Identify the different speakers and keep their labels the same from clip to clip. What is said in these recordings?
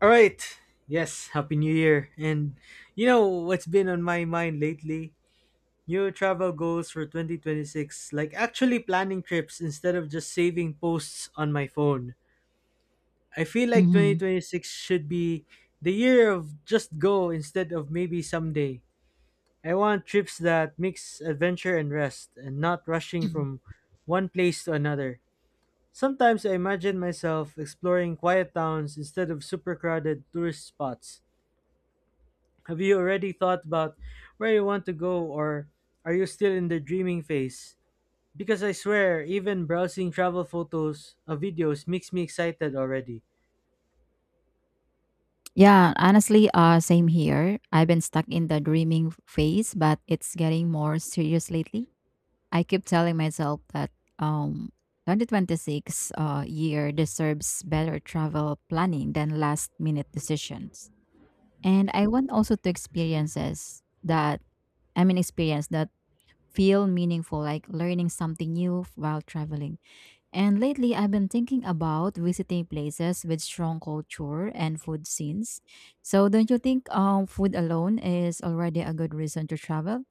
Speaker 1: All right. Yes, happy new year. And you know what's been on my mind lately? New travel goals for 2026, like actually planning trips instead of just saving posts on my phone. I feel like
Speaker 2: Mhm.
Speaker 1: 2026 should be the year of just go instead of maybe someday. I want trips that mix adventure and rest and not rushing from one place to another. Sometimes I imagine myself exploring quiet towns instead of super crowded tourist spots. Have you already thought about where you want to go, or are you still in the dreaming phase? Because I swear, even browsing travel photos or videos makes me excited already.
Speaker 2: Yeah, honestly, same here. I've been stuck in the dreaming phase, but it's getting more serious lately. I keep telling myself that um, 2026 year deserves better travel planning than last minute decisions. And I want also to experiences that, I mean, experience that feel meaningful, like learning something new while traveling. And lately, I've been thinking about visiting places with strong culture and food scenes. So, don't you think food alone is already a good reason to travel?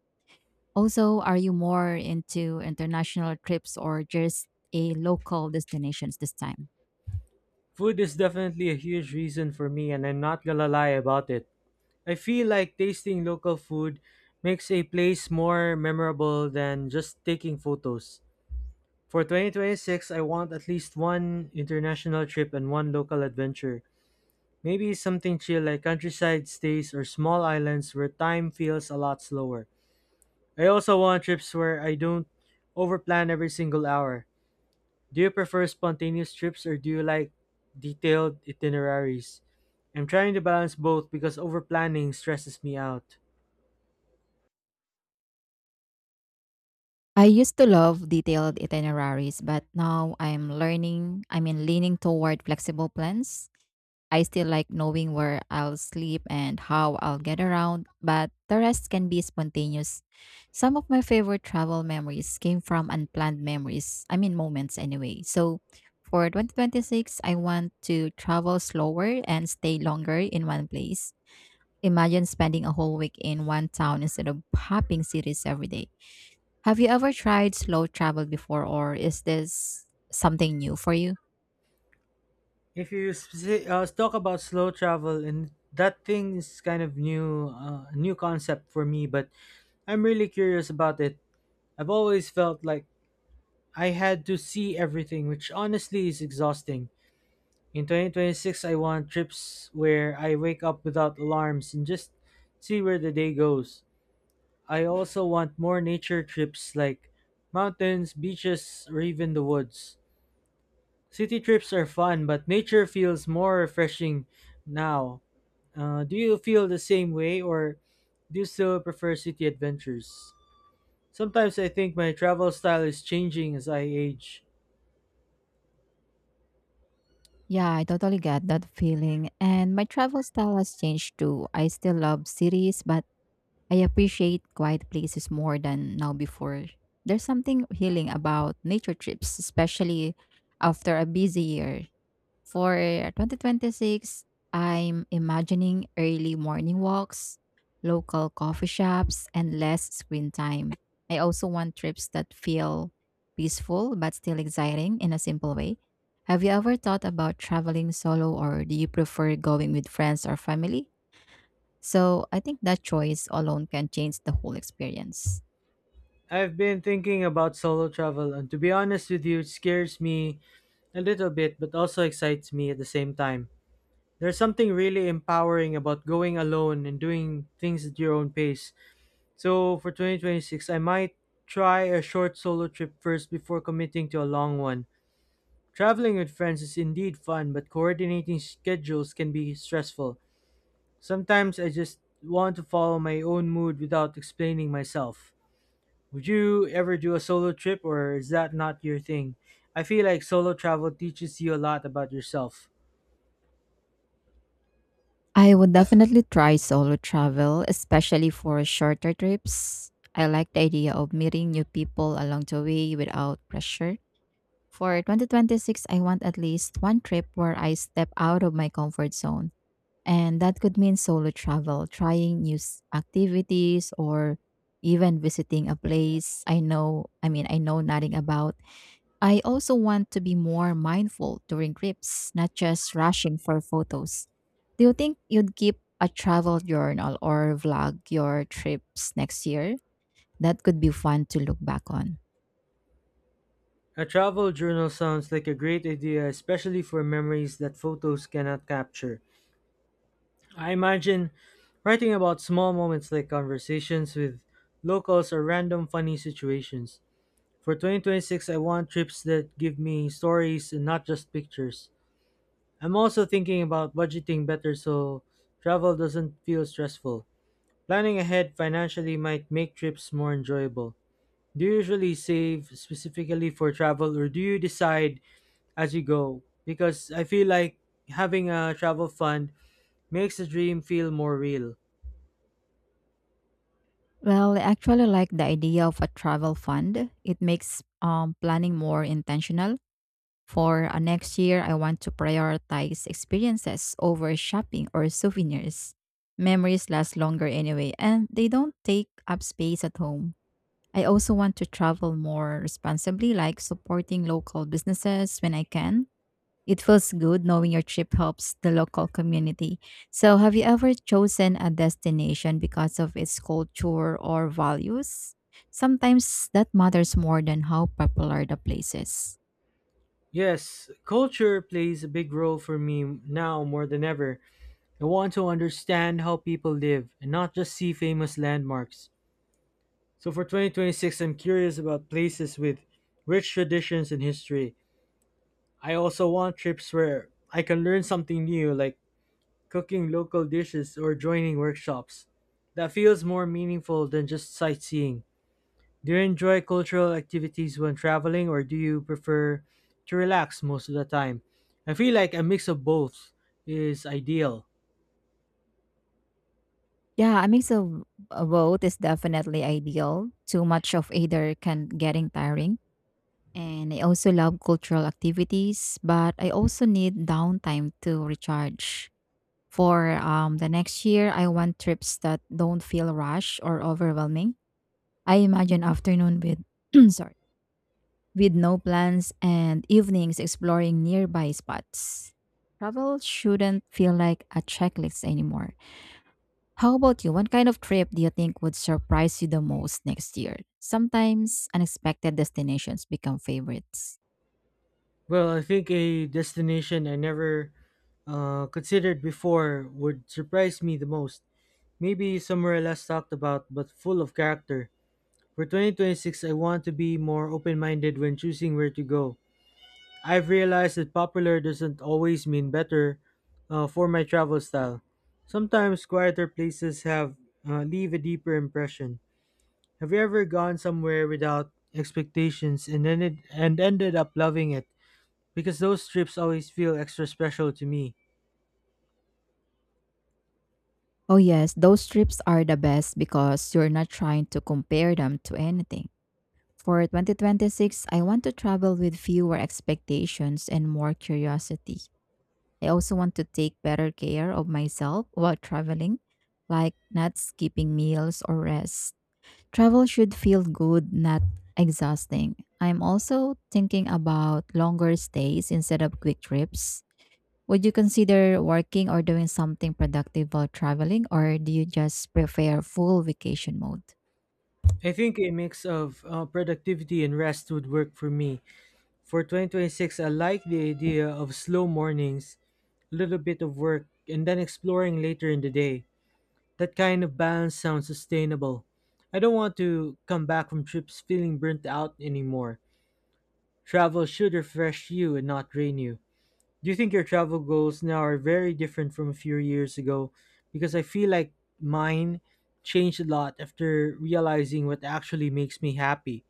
Speaker 2: Also, are you more into international trips or just a local destinations this time?
Speaker 1: Food is definitely a huge reason for me, and I'm not gonna lie about it. I feel like tasting local food makes a place more memorable than just taking photos. For 2026, I want at least one international trip and one local adventure. Maybe something chill like countryside stays or small islands where time feels a lot slower. I also want trips where I don't overplan every single hour. Do you prefer spontaneous trips, or do you like detailed itineraries? I'm trying to balance both because overplanning stresses me out.
Speaker 2: I used to love detailed itineraries, but now I'm learning, I mean, leaning toward flexible plans. I still like knowing where I'll sleep and how I'll get around, but the rest can be spontaneous. Some of my favorite travel memories came from unplanned memories, I mean, moments anyway. So for 2026, I want to travel slower and stay longer in one place. Imagine spending a whole week in one town instead of hopping cities every day. Have you ever tried slow travel before, or is this something new for you?
Speaker 1: If you talk about slow travel, and that thing is kind of new, new concept for me, but I'm really curious about it. I've always felt like I had to see everything, which honestly is exhausting. In 2026, I want trips where I wake up without alarms and just see where the day goes. I also want more nature trips like mountains, beaches, or even the woods. City trips are fun, but nature feels more refreshing now. Do you feel the same way, or do you still prefer city adventures? Sometimes I think my travel style is changing as I age.
Speaker 2: Yeah, I totally get that feeling. And my travel style has changed too. I still love cities, but I appreciate quiet places more than now before. There's something healing about nature trips, especially after a busy year. For 2026, I'm imagining early morning walks, local coffee shops, and less screen time. I also want trips that feel peaceful but still exciting in a simple way. Have you ever thought about traveling solo or do you prefer going with friends or family? So I think that choice alone can change the whole experience.
Speaker 1: I've been thinking about solo travel, and to be honest with you, it scares me a little bit, but also excites me at the same time. There's something really empowering about going alone and doing things at your own pace. So for 2026, I might try a short solo trip first before committing to a long one. Traveling with friends is indeed fun, but coordinating schedules can be stressful. Sometimes I just want to follow my own mood without explaining myself. Would you ever do a solo trip, or is that not your thing? I feel like solo travel teaches you a lot about yourself.
Speaker 2: I would definitely try solo travel, especially for shorter trips. I like the idea of meeting new people along the way without pressure. For 2026, I want at least one trip where I step out of my comfort zone. And that could mean solo travel, activities, or even visiting a place I know nothing about. I also want to be more mindful during trips, not just rushing for photos. Do you think you'd keep a travel journal or vlog your trips next year? That could be fun to look back on.
Speaker 1: A travel journal sounds like a great idea, especially for memories that photos cannot capture. I imagine writing about small moments like conversations with locals or random funny situations. For 2026, I want trips that give me stories and not just pictures. I'm also thinking about budgeting better so travel doesn't feel stressful. Planning ahead financially might make trips more enjoyable. Do you usually save specifically for travel, or do you decide as you go? Because I feel like having a travel fund makes the dream feel more real.
Speaker 2: Well, I actually like the idea of a travel fund. It makes planning more intentional. For next year, I want to prioritize experiences over shopping or souvenirs. Memories last longer anyway, and they don't take up space at home. I also want to travel more responsibly, like supporting local businesses when I can. It feels good knowing your trip helps the local community. So, have you ever chosen a destination because of its culture or values? Sometimes that matters more than how popular the place is.
Speaker 1: Yes, culture plays a big role for me now more than ever. I want to understand how people live and not just see famous landmarks. So for 2026, I'm curious about places with rich traditions and history. I also want trips where I can learn something new, like cooking local dishes or joining workshops. That feels more meaningful than just sightseeing. Do you enjoy cultural activities when traveling, or do you prefer to relax most of the time? I feel like a mix of both is ideal.
Speaker 2: Yeah, a mix of both is definitely ideal. Too much of either can getting tiring. And I also love cultural activities, but I also need downtime to recharge. For the next year, I want trips that don't feel rushed or overwhelming. I imagine afternoon with sorry with no plans and evenings exploring nearby spots. Travel shouldn't feel like a checklist anymore. How about you? What kind of trip do you think would surprise you the most next year? Sometimes unexpected destinations become favorites.
Speaker 1: Well, I think a destination I never considered before would surprise me the most. Maybe somewhere less talked about but full of character. For 2026, I want to be more open minded when choosing where to go. I've realized that popular doesn't always mean better for my travel style. Sometimes quieter places have leave a deeper impression. Have you ever gone somewhere without expectations and ended up loving it? Because those trips always feel extra special to me.
Speaker 2: Oh, yes, those trips are the best because you're not trying to compare them to anything. For 2026, I want to travel with fewer expectations and more curiosity. I also want to take better care of myself while traveling, like not skipping meals or rest. Travel should feel good, not exhausting. I'm also thinking about longer stays instead of quick trips. Would you consider working or doing something productive while traveling, or do you just prefer full vacation mode?
Speaker 1: I think a mix of productivity and rest would work for me. For 2026, I like the idea of slow mornings, a little bit of work, and then exploring later in the day. That kind of balance sounds sustainable. I don't want to come back from trips feeling burnt out anymore. Travel should refresh you and not drain you. Do you think your travel goals now are very different from a few years ago? Because I feel like mine changed a lot after realizing what actually makes me happy.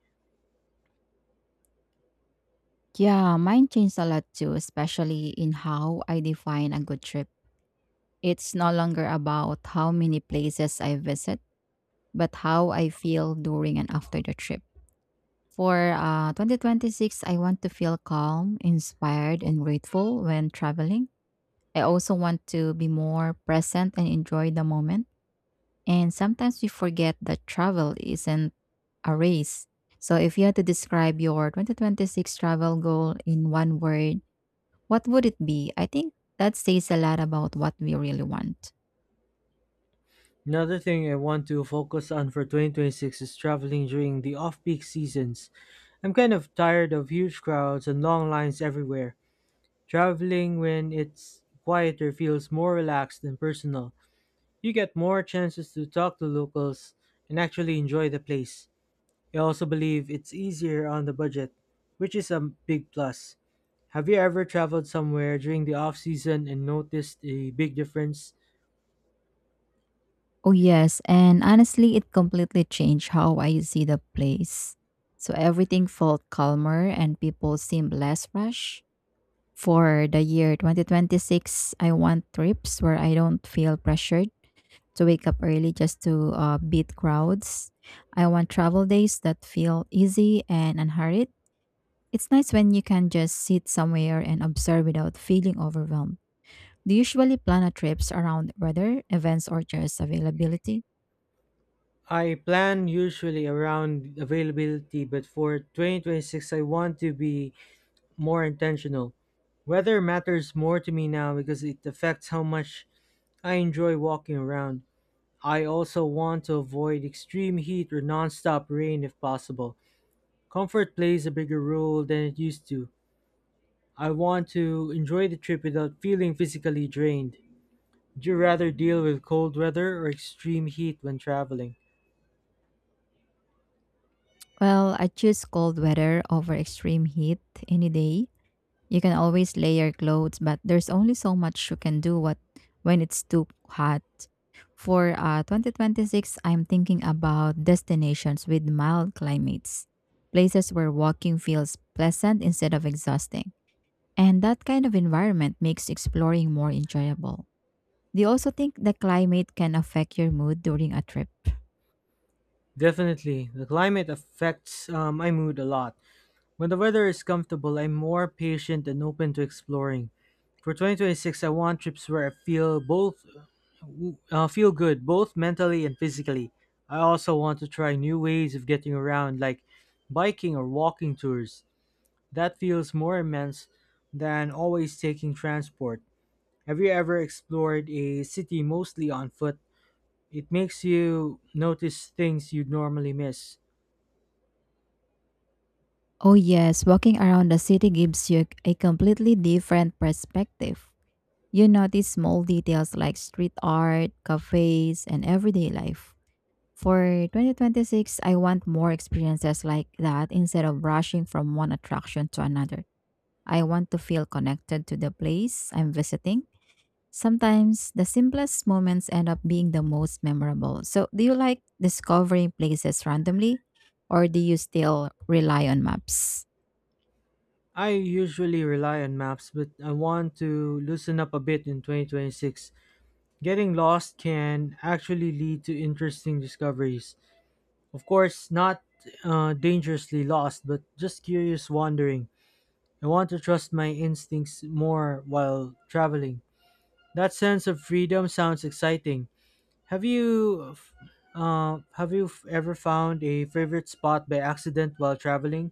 Speaker 2: Yeah, mine changed a lot too, especially in how I define a good trip. It's no longer about how many places I visit, but how I feel during and after the trip. For 2026, I want to feel calm, inspired, and grateful when traveling. I also want to be more present and enjoy the moment. And sometimes we forget that travel isn't a race. So if you had to describe your 2026 travel goal in one word, what would it be? I think that says a lot about what we really want.
Speaker 1: Another thing I want to focus on for 2026 is traveling during the off-peak seasons. I'm kind of tired of huge crowds and long lines everywhere. Traveling when it's quieter feels more relaxed and personal. You get more chances to talk to locals and actually enjoy the place. I also believe it's easier on the budget, which is a big plus. Have you ever traveled somewhere during the off season and noticed a big difference?
Speaker 2: Oh, yes. And honestly, it completely changed how I see the place. So everything felt calmer and people seemed less rushed. For the year 2026, I want trips where I don't feel pressured to wake up early just to beat crowds. I want travel days that feel easy and unhurried. It's nice when you can just sit somewhere and observe without feeling overwhelmed. Do you usually plan a trips around weather, events, or just availability?
Speaker 1: I plan usually around availability, but for 2026, I want to be more intentional. Weather matters more to me now because it affects how much I enjoy walking around. I also want to avoid extreme heat or nonstop rain if possible. Comfort plays a bigger role than it used to. I want to enjoy the trip without feeling physically drained. Would you rather deal with cold weather or extreme heat when traveling?
Speaker 2: Well, I choose cold weather over extreme heat any day. You can always layer clothes, but there's only so much you can do what when it's too hot. For 2026, I'm thinking about destinations with mild climates, places where walking feels pleasant instead of exhausting. And that kind of environment makes exploring more enjoyable. Do you also think the climate can affect your mood during a trip?
Speaker 1: Definitely, the climate affects my mood a lot. When the weather is comfortable, I'm more patient and open to exploring. For 2026, I want trips where I feel both feel good, both mentally and physically. I also want to try new ways of getting around, like biking or walking tours. That feels more immense than always taking transport. Have you ever explored a city mostly on foot? It makes you notice things you'd normally miss.
Speaker 2: Oh, yes, walking around the city gives you a completely different perspective. You notice small details like street art, cafes, and everyday life. For 2026, I want more experiences like that instead of rushing from one attraction to another. I want to feel connected to the place I'm visiting. Sometimes the simplest moments end up being the most memorable. So, do you like discovering places randomly or do you still rely on maps?
Speaker 1: I usually rely on maps, but I want to loosen up a bit in 2026. Getting lost can actually lead to interesting discoveries. Of course, not dangerously lost, but just curious wandering. I want to trust my instincts more while traveling. That sense of freedom sounds exciting. Have you, ever found a favorite spot by accident while traveling?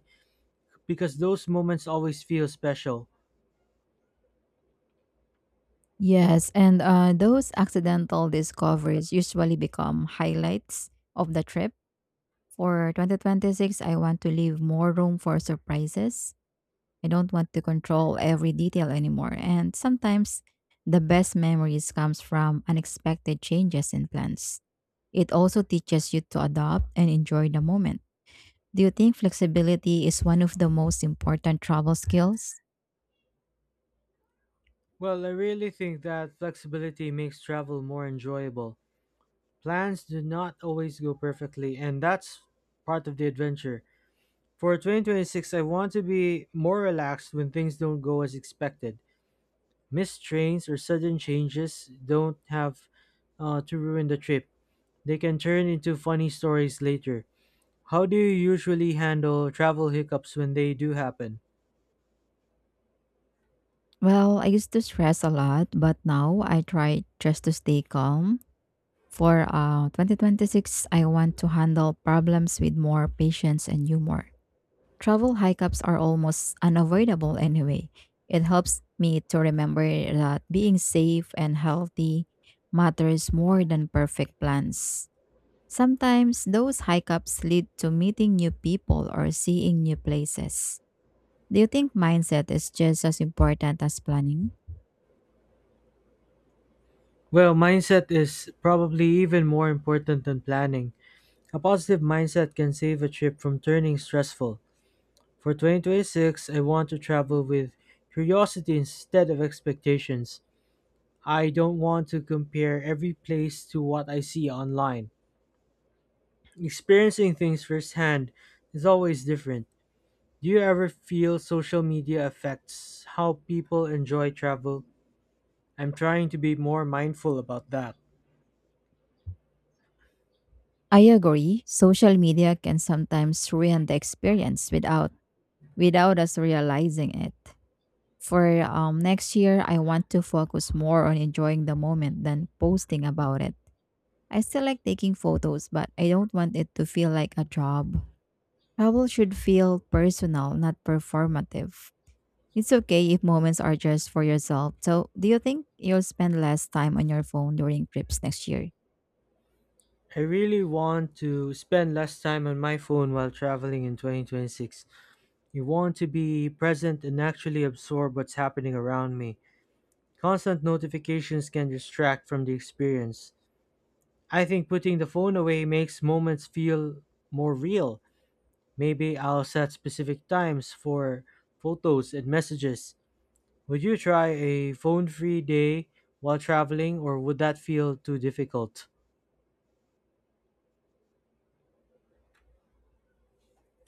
Speaker 1: Because those moments always feel special.
Speaker 2: Yes, and those accidental discoveries usually become highlights of the trip. For 2026, I want to leave more room for surprises. I don't want to control every detail anymore. And sometimes the best memories comes from unexpected changes in plans. It also teaches you to adopt and enjoy the moment. Do you think flexibility is one of the most important travel skills?
Speaker 1: Well, I really think that flexibility makes travel more enjoyable. Plans do not always go perfectly, and that's part of the adventure. For 2026, I want to be more relaxed when things don't go as expected. Missed trains or sudden changes don't have to ruin the trip, they can turn into funny stories later. How do you usually handle travel hiccups when they do happen?
Speaker 2: Well, I used to stress a lot, but now I try just to stay calm. For 2026, I want to handle problems with more patience and humor. Travel hiccups are almost unavoidable anyway. It helps me to remember that being safe and healthy matters more than perfect plans. Sometimes those hiccups lead to meeting new people or seeing new places. Do you think mindset is just as important as planning?
Speaker 1: Well, mindset is probably even more important than planning. A positive mindset can save a trip from turning stressful. For 2026, I want to travel with curiosity instead of expectations. I don't want to compare every place to what I see online. Experiencing things firsthand is always different. Do you ever feel social media affects how people enjoy travel? I'm trying to be more mindful about that.
Speaker 2: I agree. Social media can sometimes ruin the experience without us realizing it. For next year, I want to focus more on enjoying the moment than posting about it. I still like taking photos, but I don't want it to feel like a job. Travel should feel personal, not performative. It's okay if moments are just for yourself. So, do you think you'll spend less time on your phone during trips next year?
Speaker 1: I really want to spend less time on my phone while traveling in 2026. You want to be present and actually absorb what's happening around me. Constant notifications can distract from the experience. I think putting the phone away makes moments feel more real. Maybe I'll set specific times for photos and messages. Would you try a phone free day while traveling, or would that feel too difficult?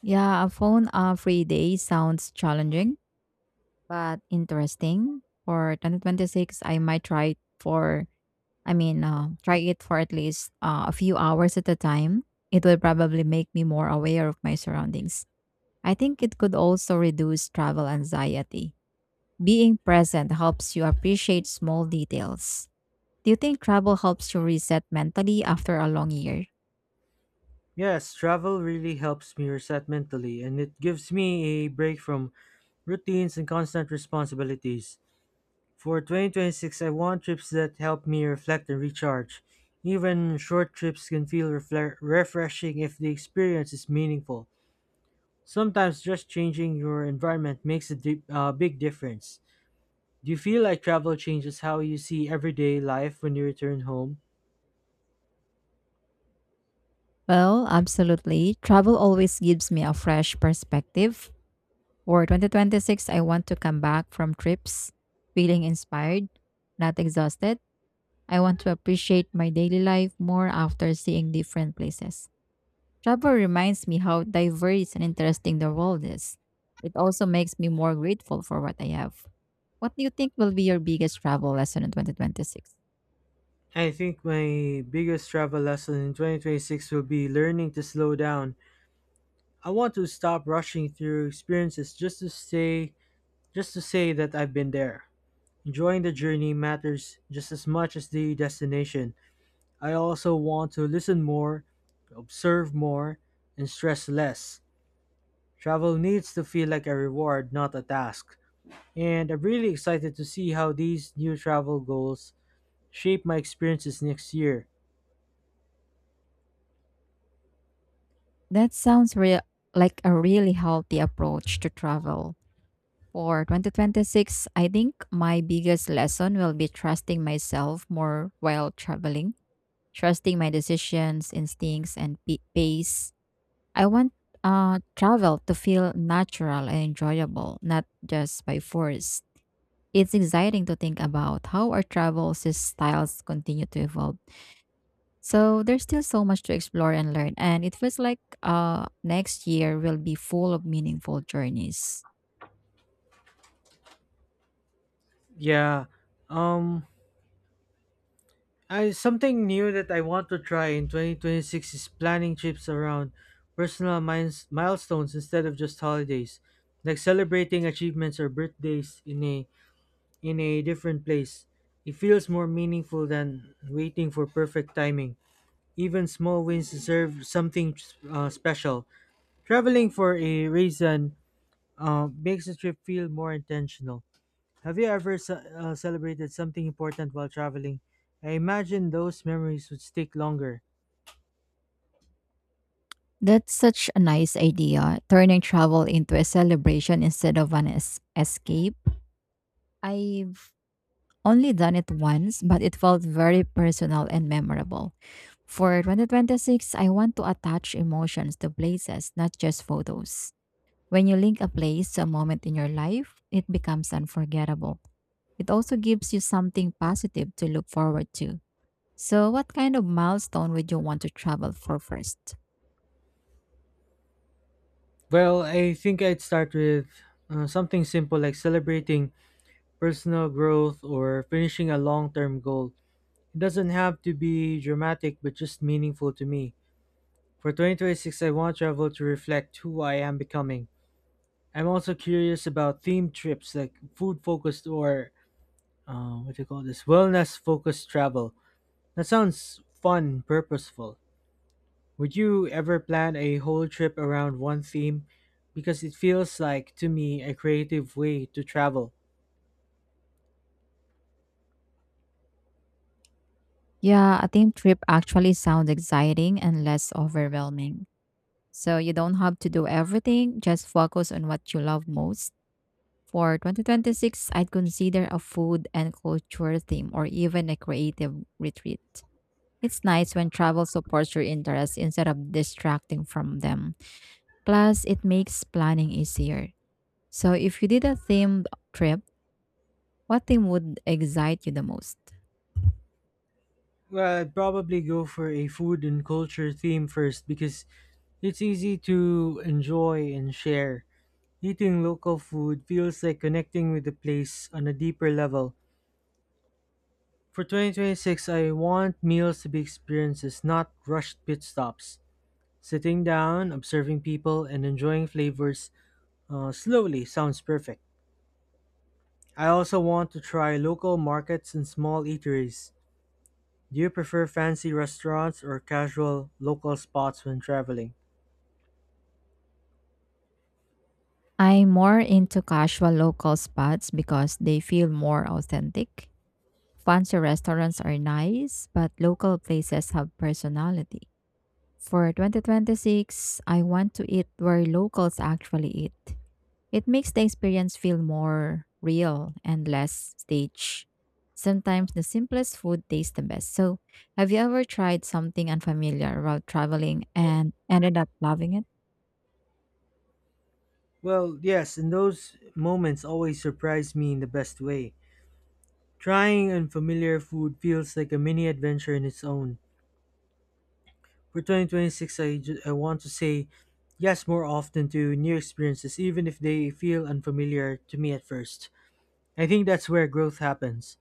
Speaker 2: Yeah, a phone free day sounds challenging, but interesting. For 2026, I might try for I mean, try it for at least a few hours at a time. It will probably make me more aware of my surroundings. I think it could also reduce travel anxiety. Being present helps you appreciate small details. Do you think travel helps you reset mentally after a long year?
Speaker 1: Yes, travel really helps me reset mentally, and it gives me a break from routines and constant responsibilities. For 2026, I want trips that help me reflect and recharge. Even short trips can feel refreshing if the experience is meaningful. Sometimes just changing your environment makes a big difference. Do you feel like travel changes how you see everyday life when you return home?
Speaker 2: Well, absolutely. Travel always gives me a fresh perspective. For 2026, I want to come back from trips feeling inspired, not exhausted. I want to appreciate my daily life more after seeing different places. Travel reminds me how diverse and interesting the world is. It also makes me more grateful for what I have. What do you think will be your biggest travel lesson in 2026?
Speaker 1: I think my biggest travel lesson in 2026 will be learning to slow down. I want to stop rushing through experiences just to say that I've been there. Enjoying the journey matters just as much as the destination. I also want to listen more, observe more, and stress less. Travel needs to feel like a reward, not a task. And I'm really excited to see how these new travel goals shape my experiences next year.
Speaker 2: That sounds real like a really healthy approach to travel. For 2026, I think my biggest lesson will be trusting myself more while traveling, trusting my decisions, instincts, and pace. I want travel to feel natural and enjoyable, not just by force. It's exciting to think about how our styles continue to evolve. So there's still so much to explore and learn, and it feels like next year will be full of meaningful journeys.
Speaker 1: Yeah, um, Something new that I want to try in 2026 is planning trips around milestones instead of just holidays, like celebrating achievements or birthdays in a different place. It feels more meaningful than waiting for perfect timing. Even small wins deserve something special. Traveling for a reason makes the trip feel more intentional. Have you ever celebrated something important while traveling? I imagine those memories would stick longer.
Speaker 2: That's such a nice idea, turning travel into a celebration instead of an escape. I've only done it once, but it felt very personal and memorable. For 2026, I want to attach emotions to places, not just photos. When you link a place to a moment in your life, it becomes unforgettable. It also gives you something positive to look forward to. So, what kind of milestone would you want to travel for first?
Speaker 1: Well, I think I'd start with something simple like celebrating personal growth or finishing a long term goal. It doesn't have to be dramatic, but just meaningful to me. For 2026, I want travel to reflect who I am becoming. I'm also curious about themed trips like food focused or what do you call this? Wellness focused travel. That sounds fun, purposeful. Would you ever plan a whole trip around one theme? Because it feels like, to me, a creative way to travel.
Speaker 2: Yeah, a team trip actually sounds exciting and less overwhelming. So, you don't have to do everything, just focus on what you love most. For 2026, I'd consider a food and culture theme or even a creative retreat. It's nice when travel supports your interests instead of distracting from them. Plus, it makes planning easier. So, if you did a themed trip, what theme would excite you the most?
Speaker 1: Well, I'd probably go for a food and culture theme first because it's easy to enjoy and share. Eating local food feels like connecting with the place on a deeper level. For 2026, I want meals to be experiences, not rushed pit stops. Sitting down, observing people, and enjoying flavors slowly sounds perfect. I also want to try local markets and small eateries. Do you prefer fancy restaurants or casual local spots when traveling?
Speaker 2: I'm more into casual local spots because they feel more authentic. Fancy restaurants are nice, but local places have personality. For 2026, I want to eat where locals actually eat. It makes the experience feel more real and less staged. Sometimes the simplest food tastes the best. So, have you ever tried something unfamiliar while traveling and ended up loving it?
Speaker 1: Well, yes, and those moments always surprise me in the best way. Trying unfamiliar food feels like a mini adventure in its own. For 2026, I want to say yes more often to new experiences, even if they feel unfamiliar to me at first. I think that's where growth happens.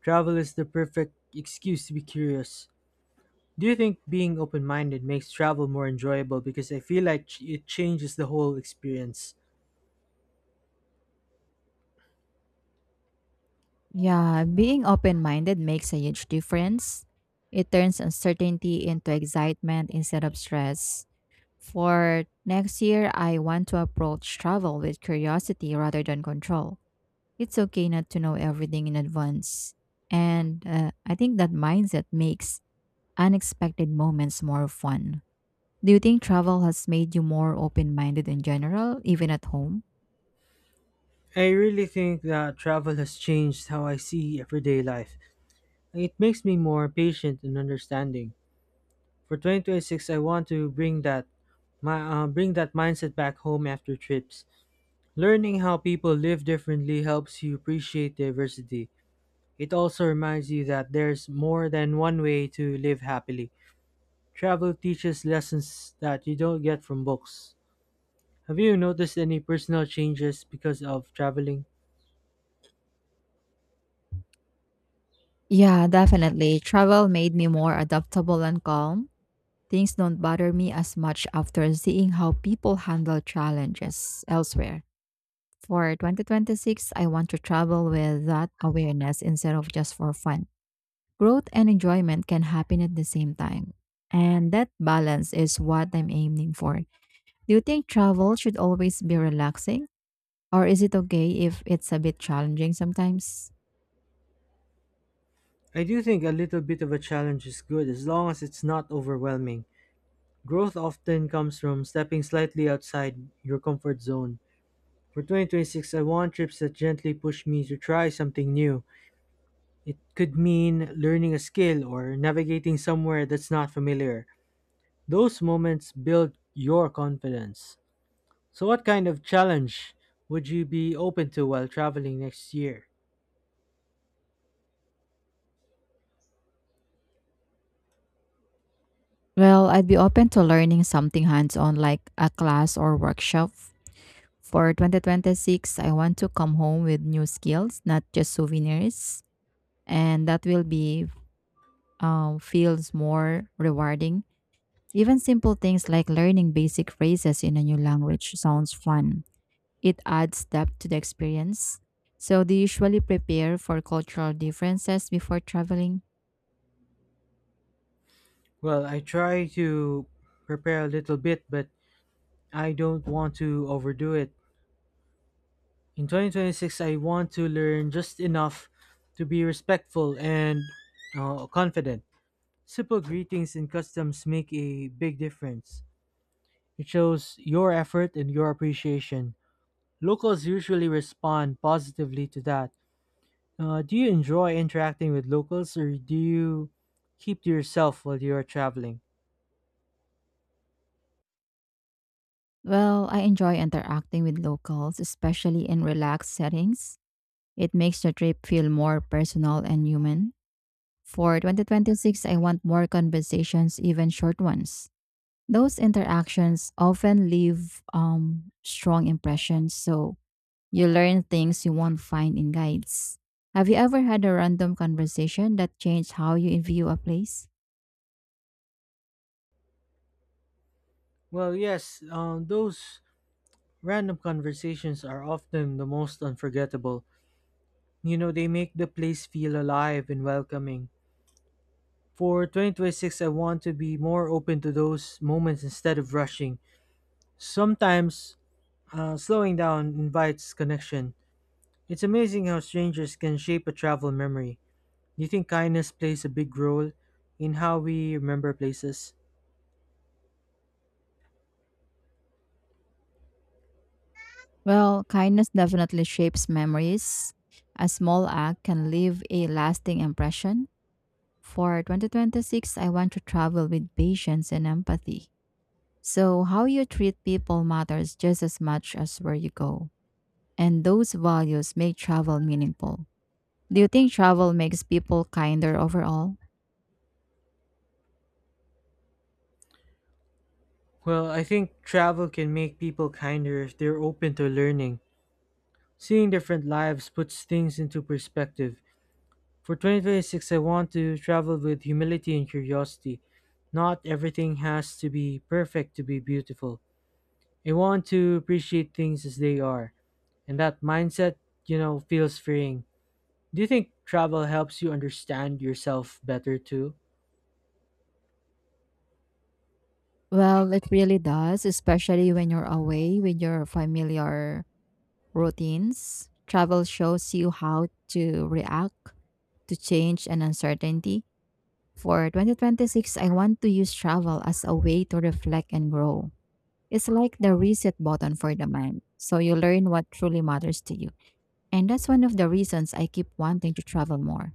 Speaker 1: Travel is the perfect excuse to be curious. Do you think being open minded makes travel more enjoyable? Because I feel like it changes the whole experience.
Speaker 2: Yeah, being open minded makes a huge difference. It turns uncertainty into excitement instead of stress. For next year, I want to approach travel with curiosity rather than control. It's okay not to know everything in advance. And I think that mindset makes unexpected moments more fun. Do you think travel has made you more open minded in general, even at home?
Speaker 1: I really think that travel has changed how I see everyday life. It makes me more patient and understanding. For 2026, I want to bring that mindset back home after trips. Learning how people live differently helps you appreciate diversity. It also reminds you that there's more than one way to live happily. Travel teaches lessons that you don't get from books. Have you noticed any personal changes because of traveling?
Speaker 2: Yeah, definitely. Travel made me more adaptable and calm. Things don't bother me as much after seeing how people handle challenges elsewhere. For 2026, I want to travel with that awareness instead of just for fun. Growth and enjoyment can happen at the same time. And that balance is what I'm aiming for. Do you think travel should always be relaxing? Or is it okay if it's a bit challenging sometimes?
Speaker 1: I do think a little bit of a challenge is good as long as it's not overwhelming. Growth often comes from stepping slightly outside your comfort zone. For 2026, I want trips that gently push me to try something new. It could mean learning a skill or navigating somewhere that's not familiar. Those moments build your confidence. So, what kind of challenge would you be open to while traveling next year?
Speaker 2: Well, I'd be open to learning something hands on like a class or workshop. For 2026, I want to come home with new skills, not just souvenirs. And that will be feels more rewarding. Even simple things like learning basic phrases in a new language sounds fun. It adds depth to the experience. So, do you usually prepare for cultural differences before traveling?
Speaker 1: Well, I try to prepare a little bit, but I don't want to overdo it. In 2026, I want to learn just enough to be respectful and confident. Simple greetings and customs make a big difference. It shows your effort and your appreciation. Locals usually respond positively to that. Do you enjoy interacting with locals, or do you keep to yourself while you are traveling?
Speaker 2: Well, I enjoy interacting with locals, especially in relaxed settings. It makes the trip feel more personal and human. For 2026, I want more conversations, even short ones. Those interactions often leave strong impressions. So, you learn things you won't find in guides. Have you ever had a random conversation that changed how you view a place?
Speaker 1: Well, yes, those Random conversations are often the most unforgettable. You know, they make the place feel alive and welcoming. For 2026, I want to be more open to those moments instead of rushing. Sometimes, slowing down invites connection. It's amazing how strangers can shape a travel memory. Do you think kindness plays a big role in how we remember places?
Speaker 2: Well, kindness definitely shapes memories. A small act can leave a lasting impression. For 2026, I want to travel with patience and empathy. So, how you treat people matters just as much as where you go. And those values make travel meaningful. Do you think travel makes people kinder overall?
Speaker 1: Well, I think travel can make people kinder if they're open to learning. Seeing different lives puts things into perspective. For 2026, I want to travel with humility and curiosity. Not everything has to be perfect to be beautiful. I want to appreciate things as they are, and that mindset, you know, feels freeing. Do you think travel helps you understand yourself better too?
Speaker 2: Well, it really does, especially when you're away with your familiar routines. Travel shows you how to react to change and uncertainty. For 2026, I want to use travel as a way to reflect and grow. It's like the reset button for the mind. So you learn what truly matters to you. And that's one of the reasons I keep wanting to travel more.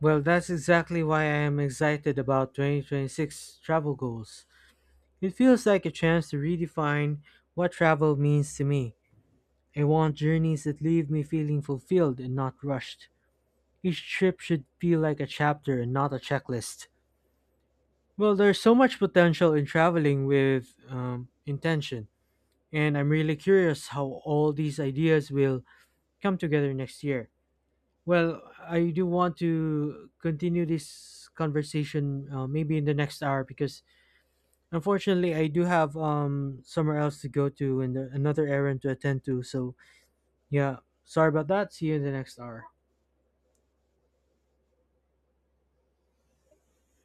Speaker 1: Well, that's exactly why I am excited about 2026 travel goals. It feels like a chance to redefine what travel means to me. I want journeys that leave me feeling fulfilled and not rushed. Each trip should feel like a chapter and not a checklist. Well, there's so much potential in traveling with intention, and I'm really curious how all these ideas will come together next year. Well, I do want to continue this conversation maybe in the next hour, because unfortunately I do have somewhere else to go to and another errand to attend to. So, yeah, sorry about that. See you in the next hour.